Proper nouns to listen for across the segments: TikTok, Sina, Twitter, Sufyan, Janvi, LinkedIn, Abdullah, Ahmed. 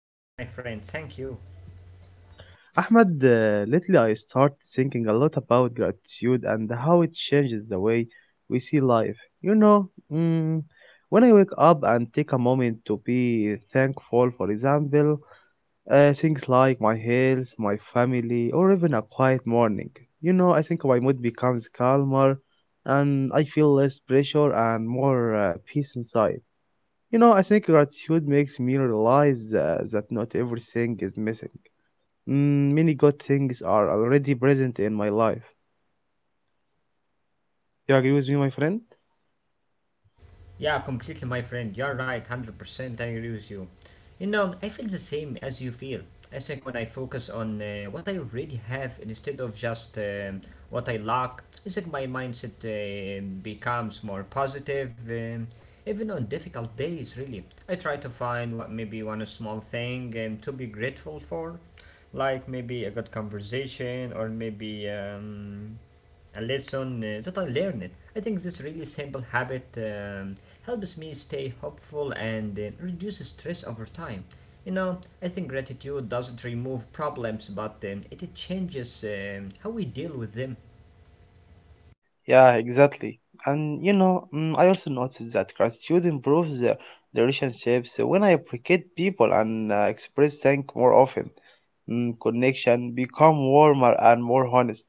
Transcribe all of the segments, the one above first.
I am fine, my friend, thank you. Ahmed, lately I start thinking a lot about gratitude and how it changes the way we see life. When I wake up and take a moment to be thankful, for example, things like my health, my family, or even a quiet morning, I think my mood becomes calmer and I feel less pressure and more peace inside. You know, I think gratitude makes me realize that not everything is missing. Many good things are already present in my life. You agree with me, my friend? Yeah, completely, my friend. You're right, 100%. I agree with you. You know, I feel the same as you feel. I think when I focus on what I already have instead of just what I lack, I think my mindset becomes more positive, even on difficult days, really. I try to find what maybe one small thing to be grateful for, like maybe a good conversation or maybe, a lesson that I learned. I think this really simple habit helps me stay hopeful and reduce stress over time. You know, I think gratitude doesn't remove problems, but it changes how we deal with them. Yeah, exactly. And I also noticed that gratitude improves the relationships when I appreciate people and express thank more often. Connection become warmer and more honest.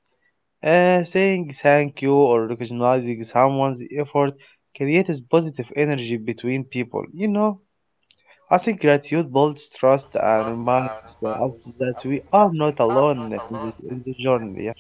Saying thank you or recognizing someone's effort creates positive energy between people. You know, I think gratitude builds trust and reminds us that we are not alone in this journey. Yeah,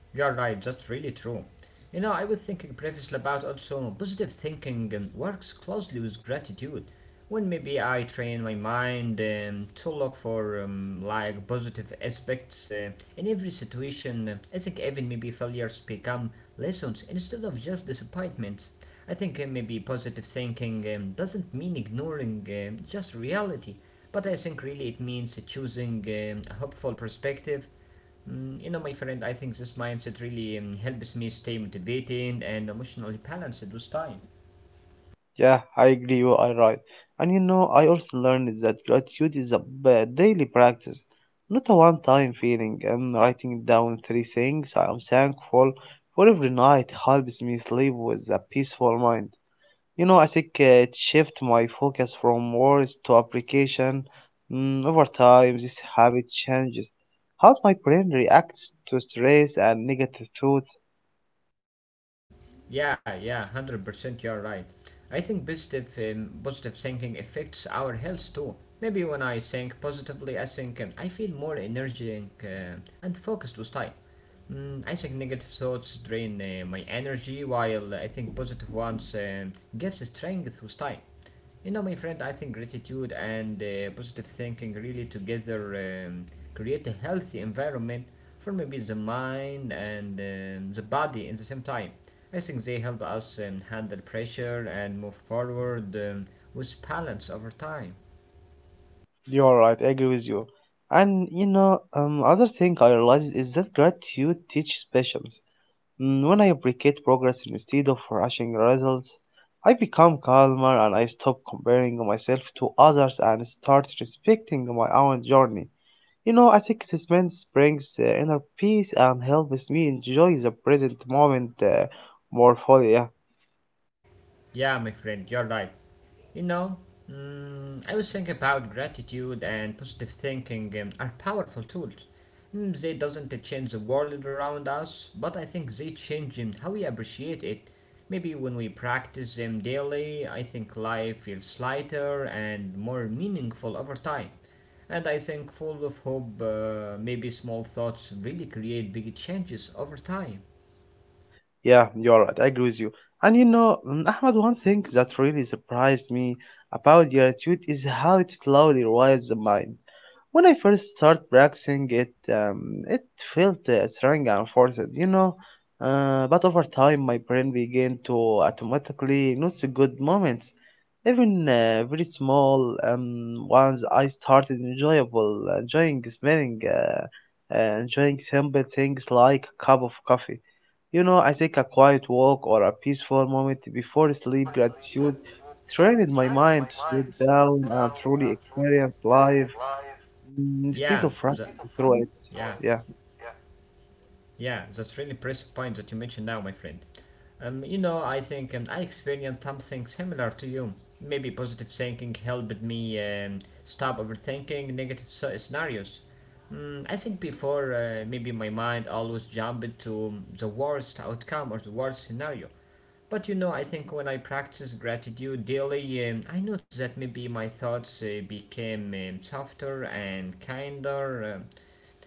You're right, that's really true. You know, I was thinking previously about also positive thinking works closely with gratitude. When maybe I train my mind to look for like positive aspects in every situation, I think even maybe failures become lessons instead of just disappointments. I think maybe positive thinking doesn't mean ignoring just reality, but I think really it means choosing a hopeful perspective. You know, my friend, I think this mindset really helps me stay motivated and emotionally balanced with time. Yeah, I agree. You are right. And you know, I also learned that gratitude is a daily practice, not a one-time feeling. And writing down three things I am thankful for every night helps me sleep with a peaceful mind. You know, I think it shifts my focus from words to application. Over time, this habit changes how my brain reacts to stress and negative thoughts. Yeah, yeah, 100% you're right. I think positive thinking affects our health too. Maybe when I think positively, I think I feel more energetic and focused with time. I think negative thoughts drain my energy, while I think positive ones gives strength with time. You know, my friend, I think gratitude and positive thinking really together create a healthy environment for maybe the mind and the body in the same time. I think they help us handle pressure and move forward with balance over time. You're right, I agree with you. And you know, other thing I realized is that gratitude teaches patience. When I appreciate progress instead of rushing results, I become calmer and I stop comparing myself to others and start respecting my own journey. You know, I think suspense brings inner peace and helps me enjoy the present moment more fully. Yeah, Yeah, my friend, you're right. You know, I was thinking about gratitude and positive thinking are powerful tools. They doesn't change the world around us, but I think they change how we appreciate it. Maybe when we practice them daily, I think life feels lighter and more meaningful over time. And I think full of hope, maybe small thoughts really create big changes over time. yeah, you're right. I agree with you. And Ahmad, one thing that really surprised me about gratitude is how it slowly rewires the mind. When I first started practicing it, it felt strange and forced, you know. But over time, my brain began to automatically notice good moments, even very small ones. I started enjoying simple things like a cup of coffee. You know, I take a quiet walk or a peaceful moment before sleep. Gratitude trained my mind to slow down and truly experience life, instead Yeah, of the, running through it. yeah. Yeah. Yeah, that's really impressive point that you mentioned now, my friend. You know, I think I experienced something similar to you. Maybe positive thinking helped me stop overthinking negative scenarios. I think before, maybe my mind always jumped to the worst outcome or the worst scenario. But you know, I think when I practice gratitude daily, I noticed that maybe my thoughts became softer and kinder.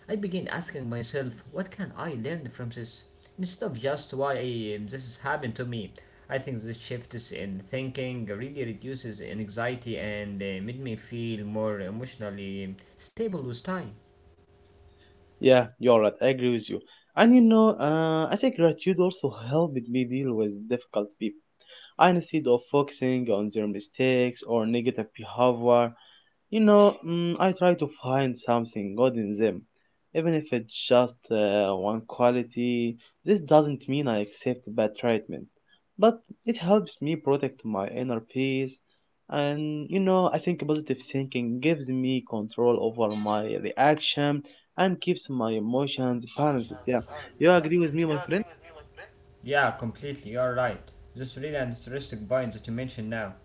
I began asking myself, what can I learn from this? Instead of just why this has happened to me, I think this shift in thinking really reduces anxiety and made me feel more emotionally stable with time. Yeah, you're right. I agree with you. And you know, I think gratitude also helped me deal with difficult people. I, instead of focusing on their mistakes or negative behavior, I try to find something good in them, even if it's just one quality. This doesn't mean I accept bad treatment, but it helps me protect my inner peace. And you know, I think positive thinking gives me control over my reaction and keeps my emotions balanced. Yeah, you agree with me, my friend? Yeah, completely. You're right. That's really an interesting point that you mentioned now.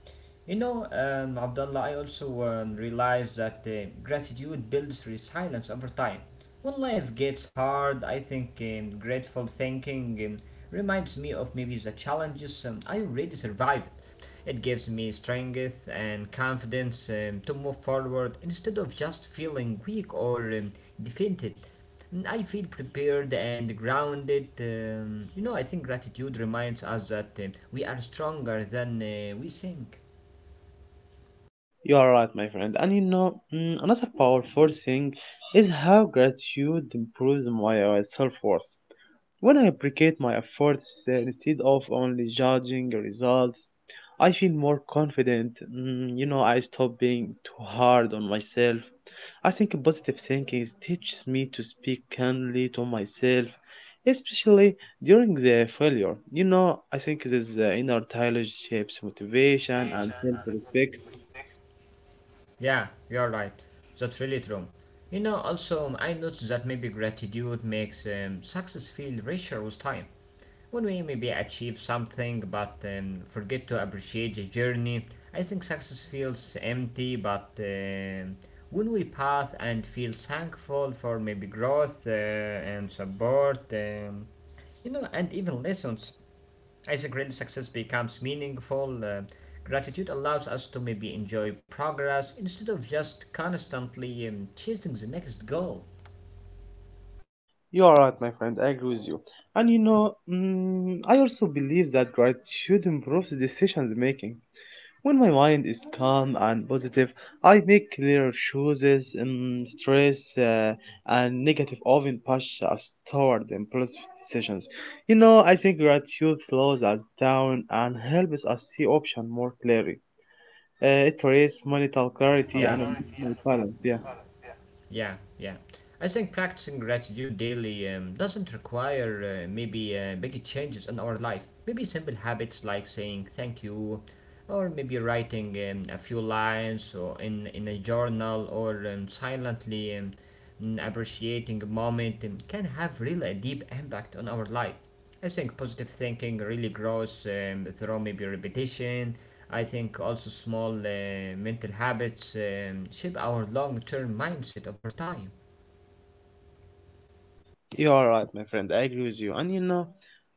You know, Abdullah, I also realized that gratitude builds resilience over time. When life gets hard, I think grateful thinking reminds me of maybe the challenges I already survived. It gives me strength and confidence to move forward instead of just feeling weak or defeated. I feel prepared and grounded. You know, I think gratitude reminds us that we are stronger than we think. You are right, my friend. And another powerful thing is how gratitude improves my self worth. When I appreciate my efforts instead of only judging results, I feel more confident. You know, I stop being too hard on myself. I think positive thinking teaches me to speak kindly to myself, especially during the failure. You know, I think this inner dialogue shapes motivation and self respect. Yeah, you're right. That's really true. You know, also, I noticed that maybe gratitude makes success feel richer with time. When we maybe achieve something but forget to appreciate the journey, I think success feels empty. But when we path and feel thankful for maybe growth and support, you know, and even lessons, as a great success becomes meaningful, gratitude allows us to maybe enjoy progress instead of just constantly chasing the next goal. You are right, my friend. I agree with you. And I also believe that gratitude improves decisions making. When my mind is calm and positive, I make clear choices. Stress and negative often push us toward impulsive decisions. You know, I think gratitude slows us down and helps us see options more clearly. It creates mental clarity Yeah, and emotional balance. Yeah. yeah, yeah. I think practicing gratitude daily doesn't require maybe big changes in our life. Maybe simple habits like saying thank you, or maybe writing a few lines or in a journal, or silently appreciating a moment can have really a deep impact on our life. I think positive thinking really grows through maybe repetition. I think also small mental habits shape our long term mindset over time. You are right, my friend. I agree with you. And you know,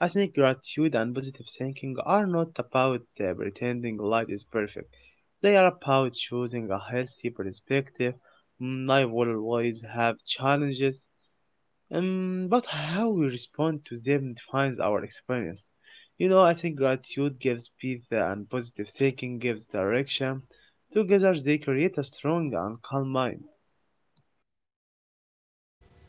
I think gratitude and positive thinking are not about pretending life is perfect. They are about choosing a healthy perspective. Life will always have challenges, but how we respond to them defines our experience. You know, I think gratitude gives peace and positive thinking gives direction. Together, they create a strong and calm mind.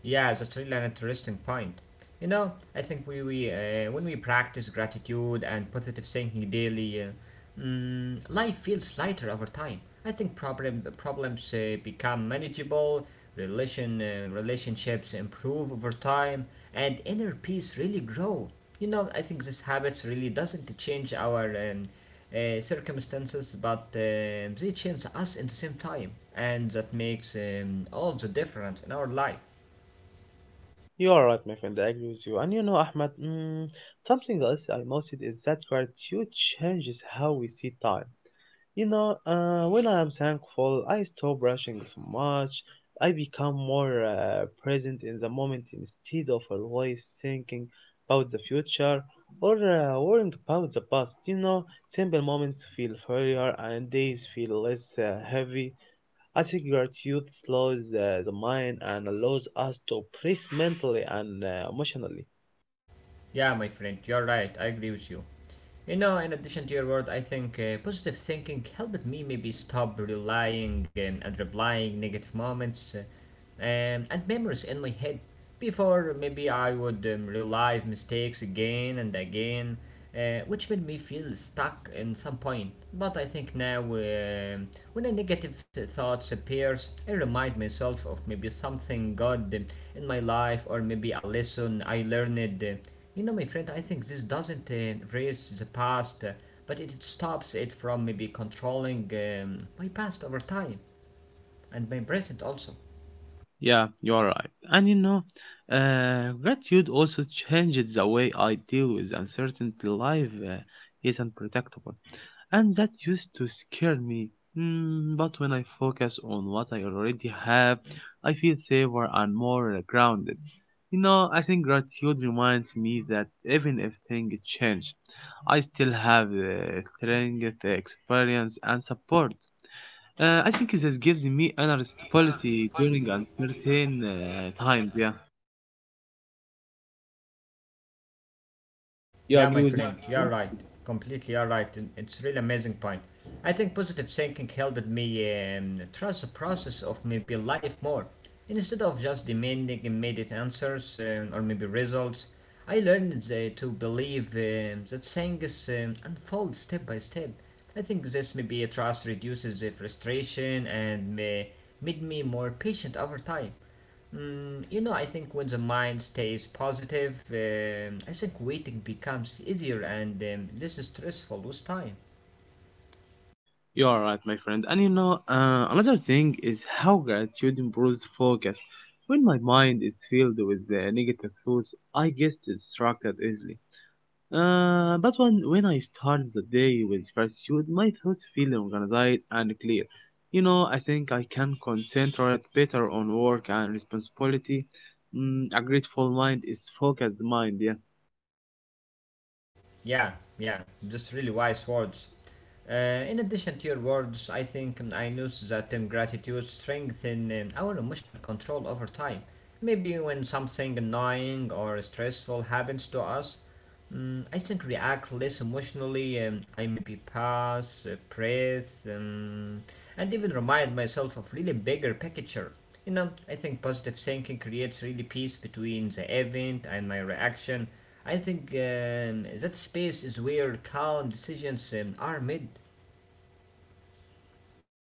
Yeah, that's really an interesting point. You know, I think we when we practice gratitude and positive thinking daily, life feels lighter over time. I think problems become manageable, relationships improve over time, and inner peace really grow. You know, I think these habits really doesn't change our um, circumstances, but they change us in the same time, and that makes all the difference in our life. You are right, my friend. I agree with you. And you know, Ahmed, something else I noticed is that gratitude changes how we see time. You know, when I am thankful, I stop rushing so much. I become more present in the moment instead of always thinking about the future or worrying about the past. You know, simple moments feel freer and days feel less heavy. I think gratitude slows the mind and allows us to breathe mentally and emotionally. Yeah, my friend, you're right. I agree with you. You know, in addition to your word, I think positive thinking helped me maybe stop relying and replying negative moments and memories in my head. Before, maybe I would relive mistakes again and again, which made me feel stuck in some point. But I think now, when a negative thought appears, I remind myself of maybe something good in my life or maybe a lesson I learned. You know, my friend, I think this doesn't erase the past, but it stops it from maybe controlling my past over time and my present also. Yeah, you're right. And you know, gratitude also changes the way I deal with uncertainty. Life is unpredictable, and that used to scare me. But when I focus on what I already have, I feel safer and more grounded. You know, I think gratitude reminds me that even if things change, I still have the strength, the experience, and support. I think this gives me inner stability during uncertain times. Yeah. Do you Yeah, agree my with me? friend, you're right. Completely, you're right. And it's really amazing point. I think positive thinking helped me trust the process of maybe life more. Instead of just demanding immediate answers or maybe results, I learned to believe that things unfold step by step. I think this maybe trust reduces the frustration and made me more patient over time. You know, I think when the mind stays positive, I think waiting becomes easier and less stressful with time. You are right, my friend. And you know, another thing is how gratitude improves focus. When my mind is filled with the negative thoughts, I get distracted easily. But when I start the day with gratitude, my thoughts feel organized and clear. You know, I think I can concentrate better on work and responsibility. A grateful mind is focused mind, yeah. Yeah, yeah, just really wise words. Uh, in addition to your words, I think I noticed that gratitude strengthens our emotional control over time. Maybe when something annoying or stressful happens to us, I think react less emotionally. And I maybe pause, breathe, and even remind myself of really bigger picture. You know, I think positive thinking creates really peace between the event and my reaction. I think that space is where calm decisions are made.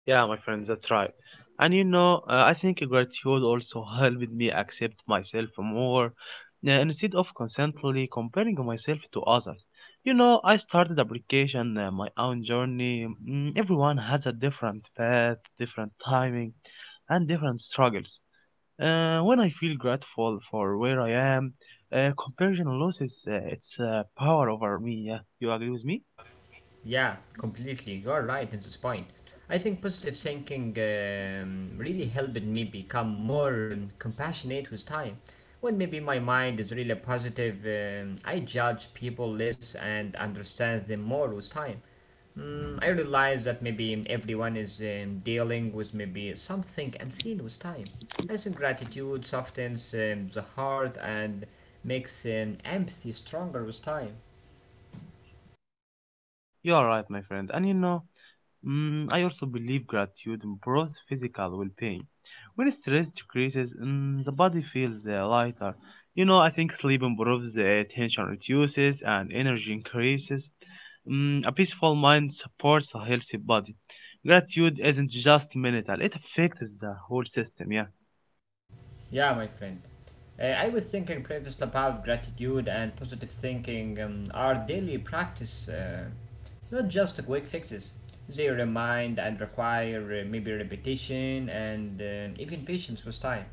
Yeah, my friends, that's right. And you know, I think gratitude also helped me accept myself more instead of constantly comparing myself to others. You know, I started application my own journey. Everyone has a different path, different timing, and different struggles. When I feel grateful for where I am, comparison loses its power over me. Yeah, you agree with me? Yeah, completely. You're right in this point. I think positive thinking really helped me become more compassionate with time. When maybe my mind is really positive, I judge people less and understand them more with time. I realize that maybe everyone is dealing with maybe something unseen with time. I think gratitude softens the heart and makes empathy stronger with time. You are right, my friend. And you know, I also believe gratitude improves physical well-being. When stress decreases, the body feels lighter. You know, I think sleep improves, tension reduces, and energy increases. A peaceful mind supports a healthy body. Gratitude isn't just mental; it affects the whole system. Yeah, Yeah, my friend. I was thinking previously about gratitude and positive thinking are daily practice, not just quick fixes. They remind and require maybe repetition and even patience with time.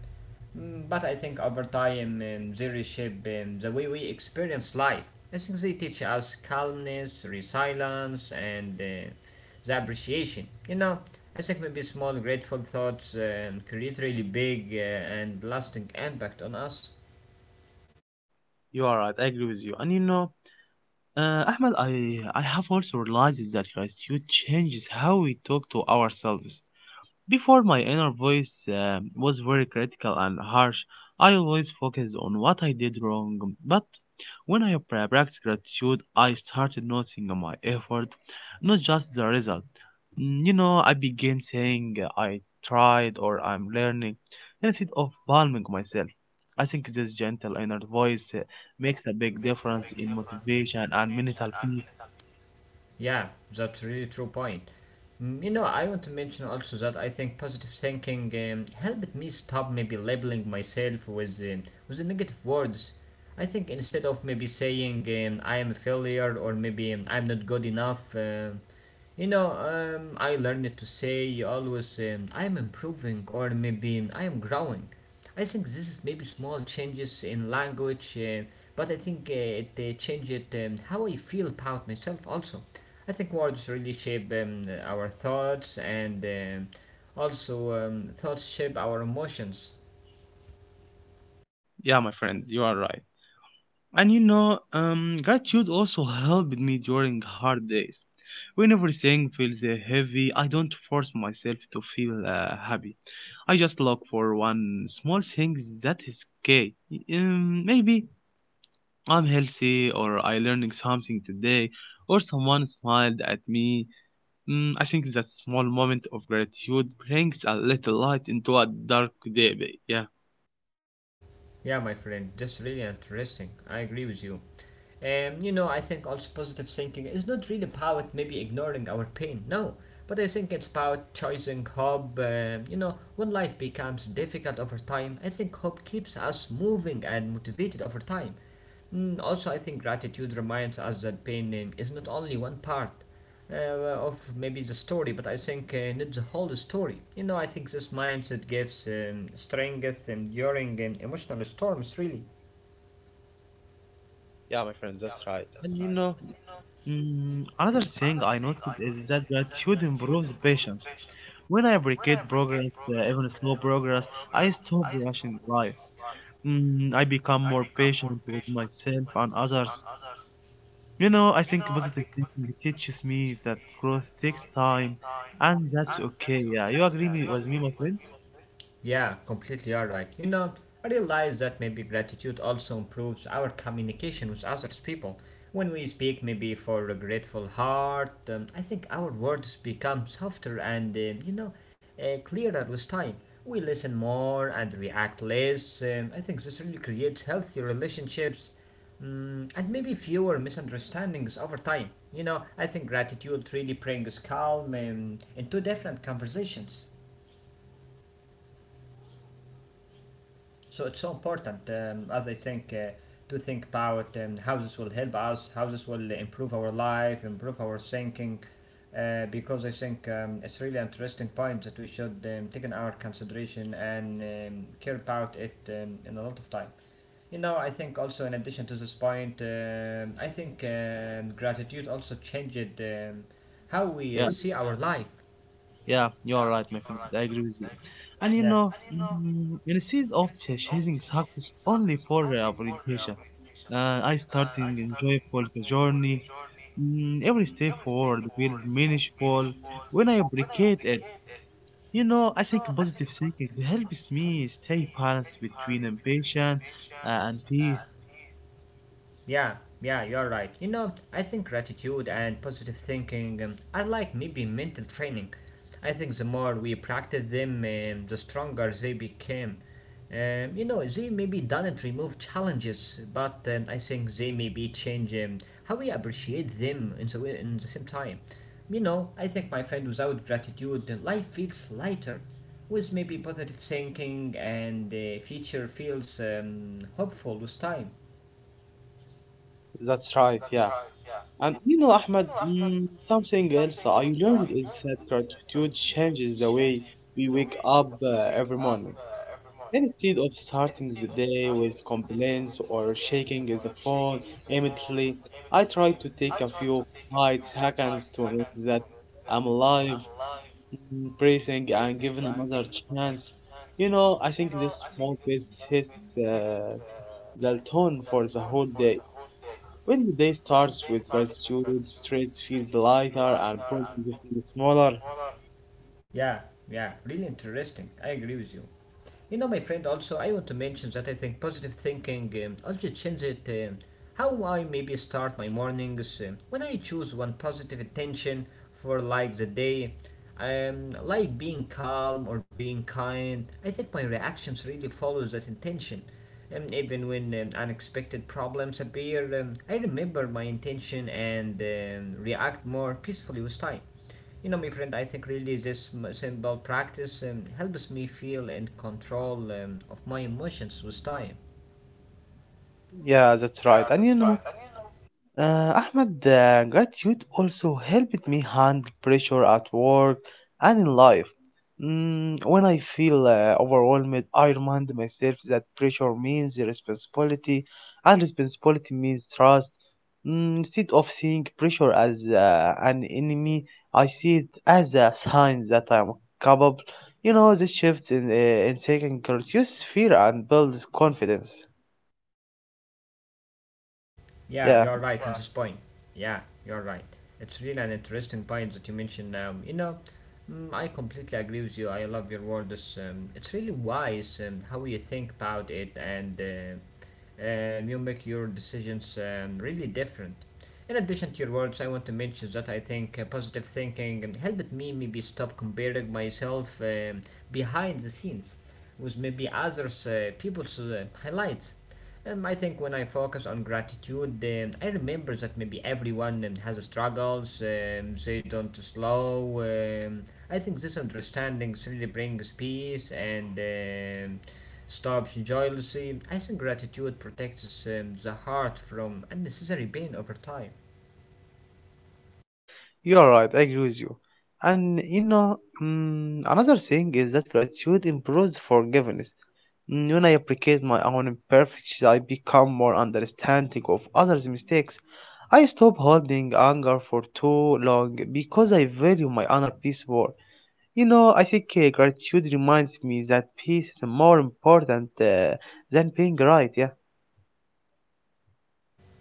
But I think over time they reshape the way we experience life. I think they teach us calmness, resilience, and the appreciation. You know, I think maybe small grateful thoughts create really big and lasting impact on us. you are right. I agree with you. And you know, Ahmed, I have also realized that gratitude changes how we talk to ourselves. Before my inner voice was very critical and harsh, I always focused on what I did wrong. But when I practiced gratitude, I started noticing my effort, not just the result. You know, I began saying I tried or I'm learning instead of blaming myself. I think this gentle inner voice makes a big difference in motivation and mental peace. Yeah, that's really true point. You know, I want to mention also that I think positive thinking helped me stop maybe labeling myself with the negative words. I think instead of maybe saying I am a failure or maybe I'm not good enough. You know, I learned to say always, I am improving, or maybe I am growing. I think this is maybe small changes in language, but I think it changes how I feel about myself also. I think words really shape our thoughts, and also thoughts shape our emotions. Yeah, my friend, you are right. And you know, gratitude also helped me during hard days. When everything feels heavy, I don't force myself to feel happy. I just look for one small thing that is okay. Maybe I'm healthy, or I learning something today, or someone smiled at me. I think that small moment of gratitude brings a little light into a dark day. Yeah, Yeah, my friend, that's really interesting. I agree with you. You know, I think also positive thinking is not really about maybe ignoring our pain, no. But I think it's about choosing hope. You know, when life becomes difficult over time, I think hope keeps us moving and motivated over time. Also, I think gratitude reminds us that pain is not only one part, of maybe the story, but I think not the whole story. You know, I think this mindset gives strength, enduring, and emotional storms, really. yeah, my friend, that's right. And you know, another thing I noticed is that gratitude improves patience. When I appreciate progress, even slow progress, I stop rushing life. I become more patient with myself and others. You know, I think positive thinking teaches me that growth takes time, and that's okay. Yeah, you agree with me, my friend? Yeah, completely all right. You know, I realize that maybe gratitude also improves our communication with others people. When we speak maybe for a grateful heart, I think our words become softer and clearer with time. We listen more and react less. I think this really creates healthy relationships and maybe fewer misunderstandings over time. You know, I think gratitude really brings calm into different conversations. So it's so important, as I think, to think about how this will help us, how this will improve our life, improve our thinking, because I think it's really interesting point that we should take in our consideration and care about it in a lot of time. You know, I think also in addition to this point, I think gratitude also changed how we see our life. Yeah, you are right, my friend. I agree with you. And Yeah. Instead of chasing success only for validation, I started enjoyable the journey. Every step forward feels meaningful when I appreciate it. You know, I think positive thinking helps me stay balanced between ambition and peace. Yeah, yeah, you're right. You know, I think gratitude and positive thinking are like maybe mental training. I think the more we practice them, the stronger they became. You know, they maybe doesn't remove challenges, but I think they maybe change how we appreciate them in the same time. You know, I think, my friend, without gratitude, life feels lighter. With maybe positive thinking and the future feels hopeful with time. That's right, yeah. And you know, Ahmed, something else I learned is that gratitude changes the way we wake up every morning. Instead of starting the day with complaints or shaking the phone immediately, I try to take a few quiet seconds to notice that I'm alive, breathing, and given another chance. You know, I think this small bit sets the tone for the whole day. When the day starts with gratitude, stress feels lighter and problems feel smaller. Yeah, yeah, really interesting. I agree with you. You know, my friend, also, I want to mention that I think positive thinking also changes it, how I maybe start my mornings. When I choose one positive intention for like the day, like being calm or being kind, I think my reactions really follows that intention. Even when unexpected problems appear, I remember my intention and react more peacefully with time. You know, my friend, I think really this simple practice helps me feel in control of my emotions with time. Yeah, that's right. And you know, Ahmed, gratitude also helped me handle pressure at work and in life. When I feel overwhelmed, I remind myself that pressure means responsibility, and responsibility means trust. Instead of seeing pressure as an enemy, I see it as a sign that I'm capable. You know, this shift in taking reduces fear and builds confidence. Yeah, Yeah. you're right on this point. Yeah, you're right. It's really an interesting point that you mentioned. You know, I completely agree with you. I love your words. It's really wise how you think about it, and you make your decisions really different. In addition to your words, I want to mention that I think positive thinking and helped me maybe stop comparing myself behind the scenes with maybe others people's highlights I think when I focus on gratitude, I remember that maybe everyone has struggles, they don't slow. I think this understanding really brings peace and stops jealousy. I think gratitude protects the heart from unnecessary pain over time. You are right, I agree with you. And you know, mm, Another thing is that gratitude improves forgiveness. When I appreciate my own imperfections, I become more understanding of others' mistakes. I stop holding anger for too long because I value my inner peace more. You know, I think gratitude reminds me that peace is more important than being right. Yeah,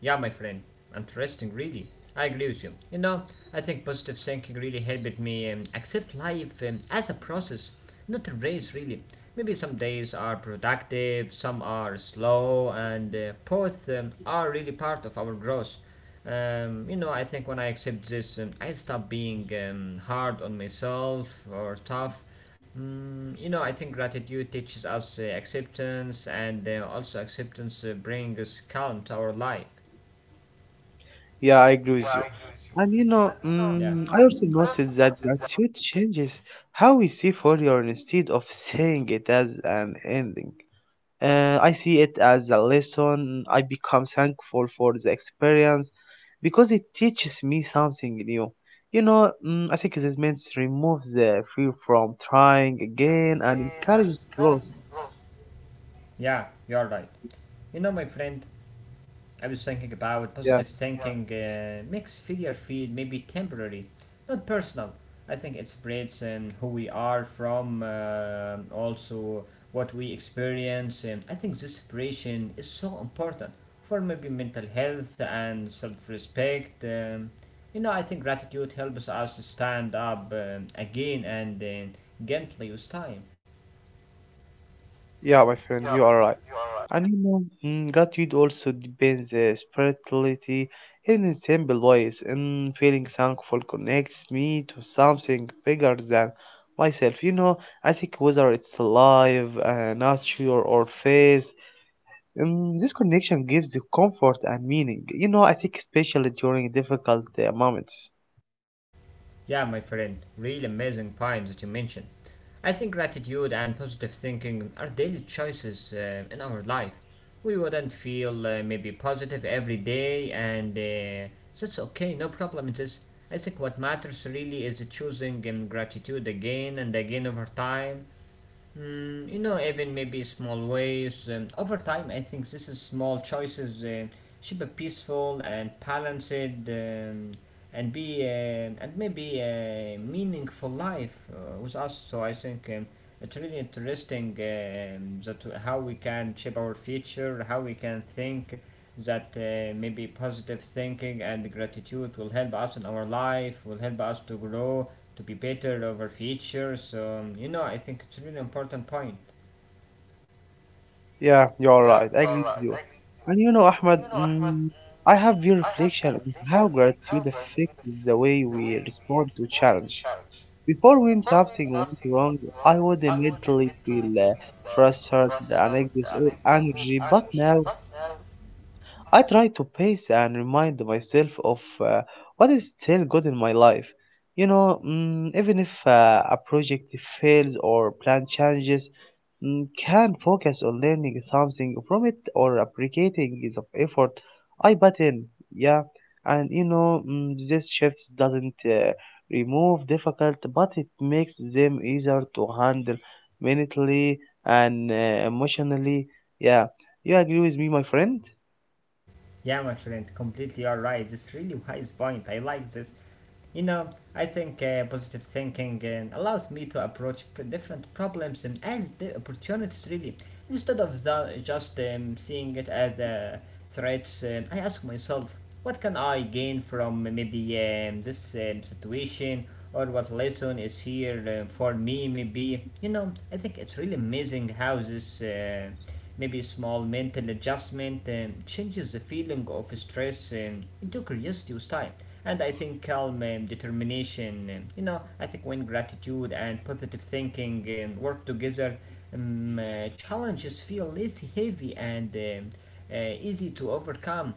Yeah, my friend. Interesting, really. I agree with you. You know, I think positive thinking really helped me accept life as a process, not a race, really. Maybe some days are productive, some are slow, and both are really part of our growth. You know, I think when I accept this, I stop being hard on myself or tough. You know, I think gratitude teaches us acceptance, and also acceptance brings calm to our life. yeah, I agree with you. And you know, Yeah, mm, I also noticed that gratitude changes how we see failure instead of seeing it as an ending. I see it as a lesson. I become thankful for the experience because it teaches me something new. You know, I think this means removes the fear from trying again and encourages growth. yeah, you're right. You know, my friend, I was thinking about positive Yeah. thinking makes failure feel maybe temporary, not personal. I think it spreads who we are from, also what we experience. I think this separation is so important for maybe mental health and self respect. You know, I think gratitude helps us to stand up again and gently with time. Yeah, my friend, you are right. And you know, mm, Gratitude also depends spirituality, even in simple ways. And feeling thankful connects me to something bigger than myself. You know, I think whether it's life, nature, or faith, this connection gives you comfort and meaning. You know, I think especially during difficult moments. Yeah, my friend, really amazing point that you mentioned. I think gratitude and positive thinking are daily choices in our life. We wouldn't feel maybe positive every day, and that's okay, no problem in this. I think what matters really is choosing gratitude again and again over time. You know, even maybe small ways. Over time, I think this is small choices should be peaceful and balanced, and maybe a meaningful life with us. So I think it's really interesting that how we can shape our future, how we can think that maybe positive thinking and gratitude will help us in our life, will help us to grow, to be better over future. So, you know, I think it's a really important point. Yeah, you're right. I agree with you. And you know, Ahmed, I have your reflection on how gratitude affects the way we respond to challenges. Before, when something went wrong, I would immediately feel frustrated and exhausted energy. But now I try to pace and remind myself of what is still good in my life. You know, even if a project fails or plan changes, can focus on learning something from it or appreciating the effort I put in. Yeah, and you know, this shift doesn't remove difficult, but it makes them easier to handle mentally and emotionally. Yeah, you agree with me, my friend? Yeah, my friend, completely all right. are It's really wise point. I like this. You know, I think positive thinking allows me to approach different problems and as the opportunities, really. Instead of the, just seeing it as threats, I ask myself, what can I gain from maybe this situation, or what lesson is here for me? Maybe you know, I think it's really amazing how this. Maybe a small mental adjustment changes the feeling of stress into curiosity with time. And I think calm determination, you know, I think when gratitude and positive thinking work together, challenges feel less heavy and easy to overcome.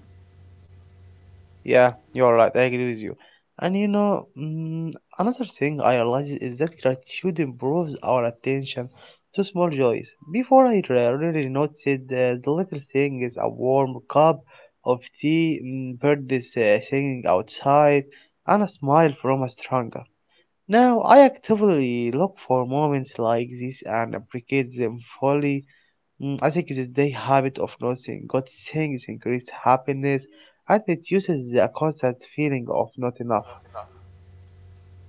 Yeah, you're right. I agree with you. And you know, mm, Another thing I realized is that gratitude improves our attention to small joys. Before I really noticed the little thing is a warm cup of tea, birds singing outside, and a smile from a stranger. Now I actively look for moments like this and appreciate them fully. I think it's the habit of noticing good things increases happiness and reduces the constant feeling of not enough.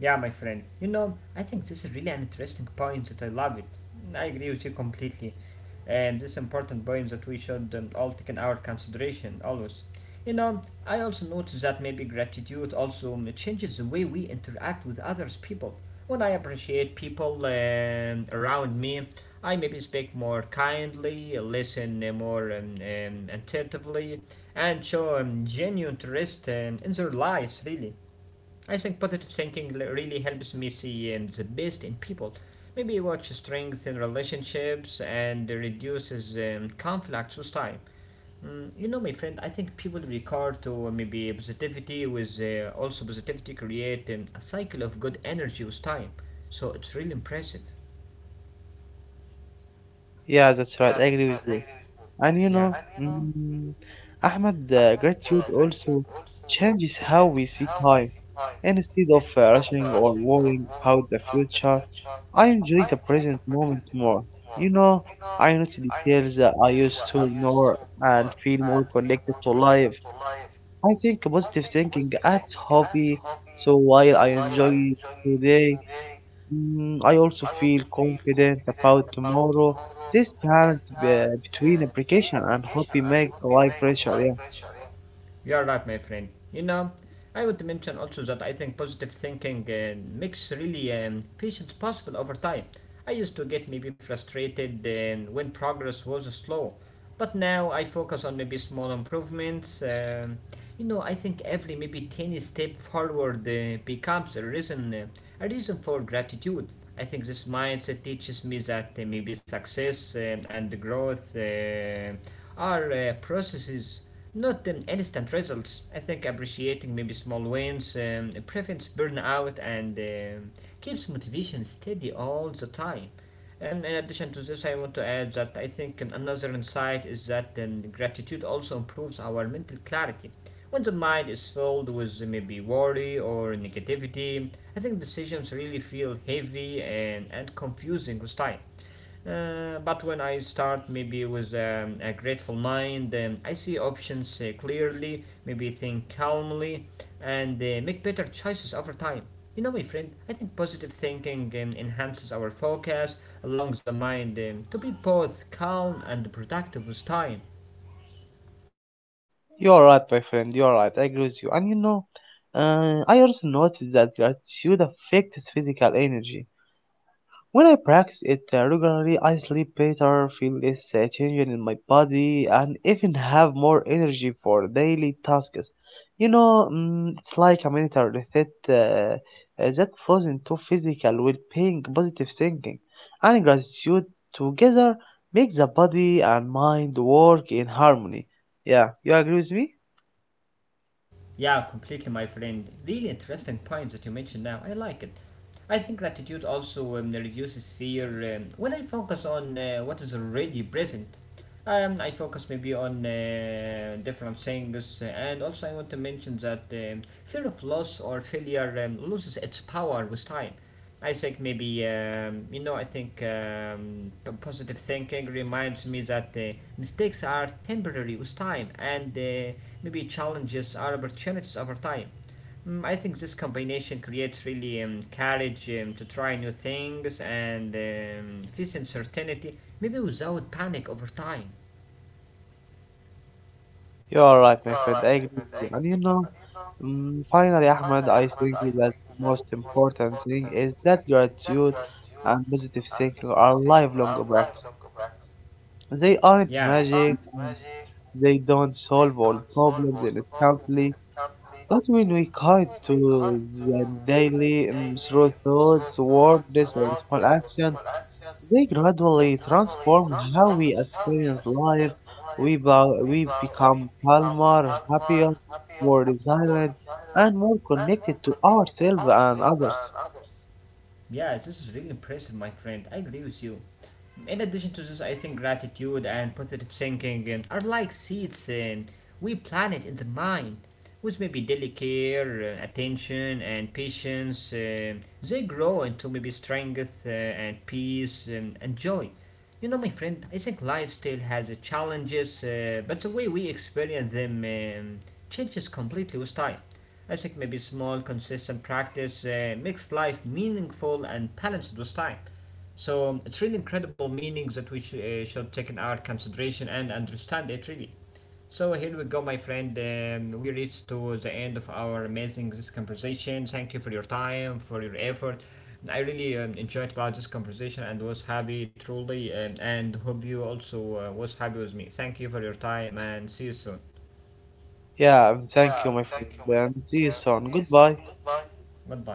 Yeah, my friend. You know, I think this is really an interesting point that I love it. I agree with you completely. And this important point that we should all take in our consideration always. You know, I also notice that maybe gratitude also changes the way we interact with others people. When I appreciate people around me, I maybe speak more kindly, listen more attentively, and show genuine interest in their lives, really. I think positive thinking really helps me see the best in people. Maybe watch strength in relationships and reduces conflicts with time. You know, my friend, I think people regard to maybe positivity with also positivity create a cycle of good energy with time. So it's really impressive. Yeah, that's right. I agree with you. And you Yeah. know, Ahmed, gratitude also changes how we see time. Instead of rushing or worrying about the future, I enjoy the present moment more. You know, I notice details that I used to ignore and feel more connected to life. I think positive thinking adds hobby. So while I enjoy today, I also feel confident about tomorrow. This balance between application and hobby make life richer. Yeah, You're right, my friend. You know, I would mention also that I think positive thinking makes really patience possible over time. I used to get maybe frustrated when progress was slow, but now I focus on maybe small improvements. You know, I think every maybe tiny step forward becomes a reason for gratitude. I think this mindset teaches me that maybe success and growth are processes not instant results. I think appreciating maybe small wins prevents burnout and keeps motivation steady all the time. And in addition to this, I want to add that I think another insight is that gratitude also improves our mental clarity. When the mind is filled with maybe worry or negativity, I think decisions really feel heavy and confusing with time. But when I start maybe with a grateful mind, I see options clearly, maybe think calmly, and make better choices over time. You know, my friend, I think positive thinking enhances our focus, allows the mind to be both calm and productive with time. you are right, my friend. You are right. I agree with you. And you know, I also noticed that gratitude affects physical energy. When I practice it regularly, I sleep better, feel less tension in my body, and even have more energy for daily tasks. You know, it's like a mental reset that flows into physical well-being, positive thinking, and gratitude together make the body and mind work in harmony. Yeah, you agree with me? Yeah, completely, my friend. Really interesting points that you mentioned now. I like it. I think gratitude also reduces fear. When I focus on what is already present, I focus maybe on different things. And also, I want to mention that fear of loss or failure loses its power with time. I think maybe you know. I think positive thinking reminds me that mistakes are temporary with time, and maybe challenges are opportunities over time. I think this combination creates really courage to try new things and face uncertainty, maybe without panic over time. You are right, my friend. I agree with you. And you know, finally, Ahmed, I think that the most important thing is that gratitude and positive thinking are lifelong practice. They aren't Yeah, magic and they don't solve all problems instantly. But when we commit to them daily through thoughts, words, or small actions, they gradually transform how we experience life. We, we become calmer, happier, more resilient, and more connected to ourselves and others. yeah, this is really impressive, my friend. I agree with you. In addition to this, I think gratitude and positive thinking are like seeds we plant it in the mind. With maybe delicate attention and patience, they grow into maybe strength and peace and joy. You know, my friend, I think life still has challenges, but the way we experience them changes completely with time. I think maybe small, consistent practice makes life meaningful and balanced with time. So it's really incredible meanings that we should take in our consideration and understand it really. So here we go, my friend. We reached to the end of our amazing this conversation. Thank you for your time, for your effort. I really enjoyed about this conversation and was happy truly, and hope you also was happy with me. Thank you for your time and see you soon. Yeah, thank you, my friend, and see you soon. Goodbye. Goodbye.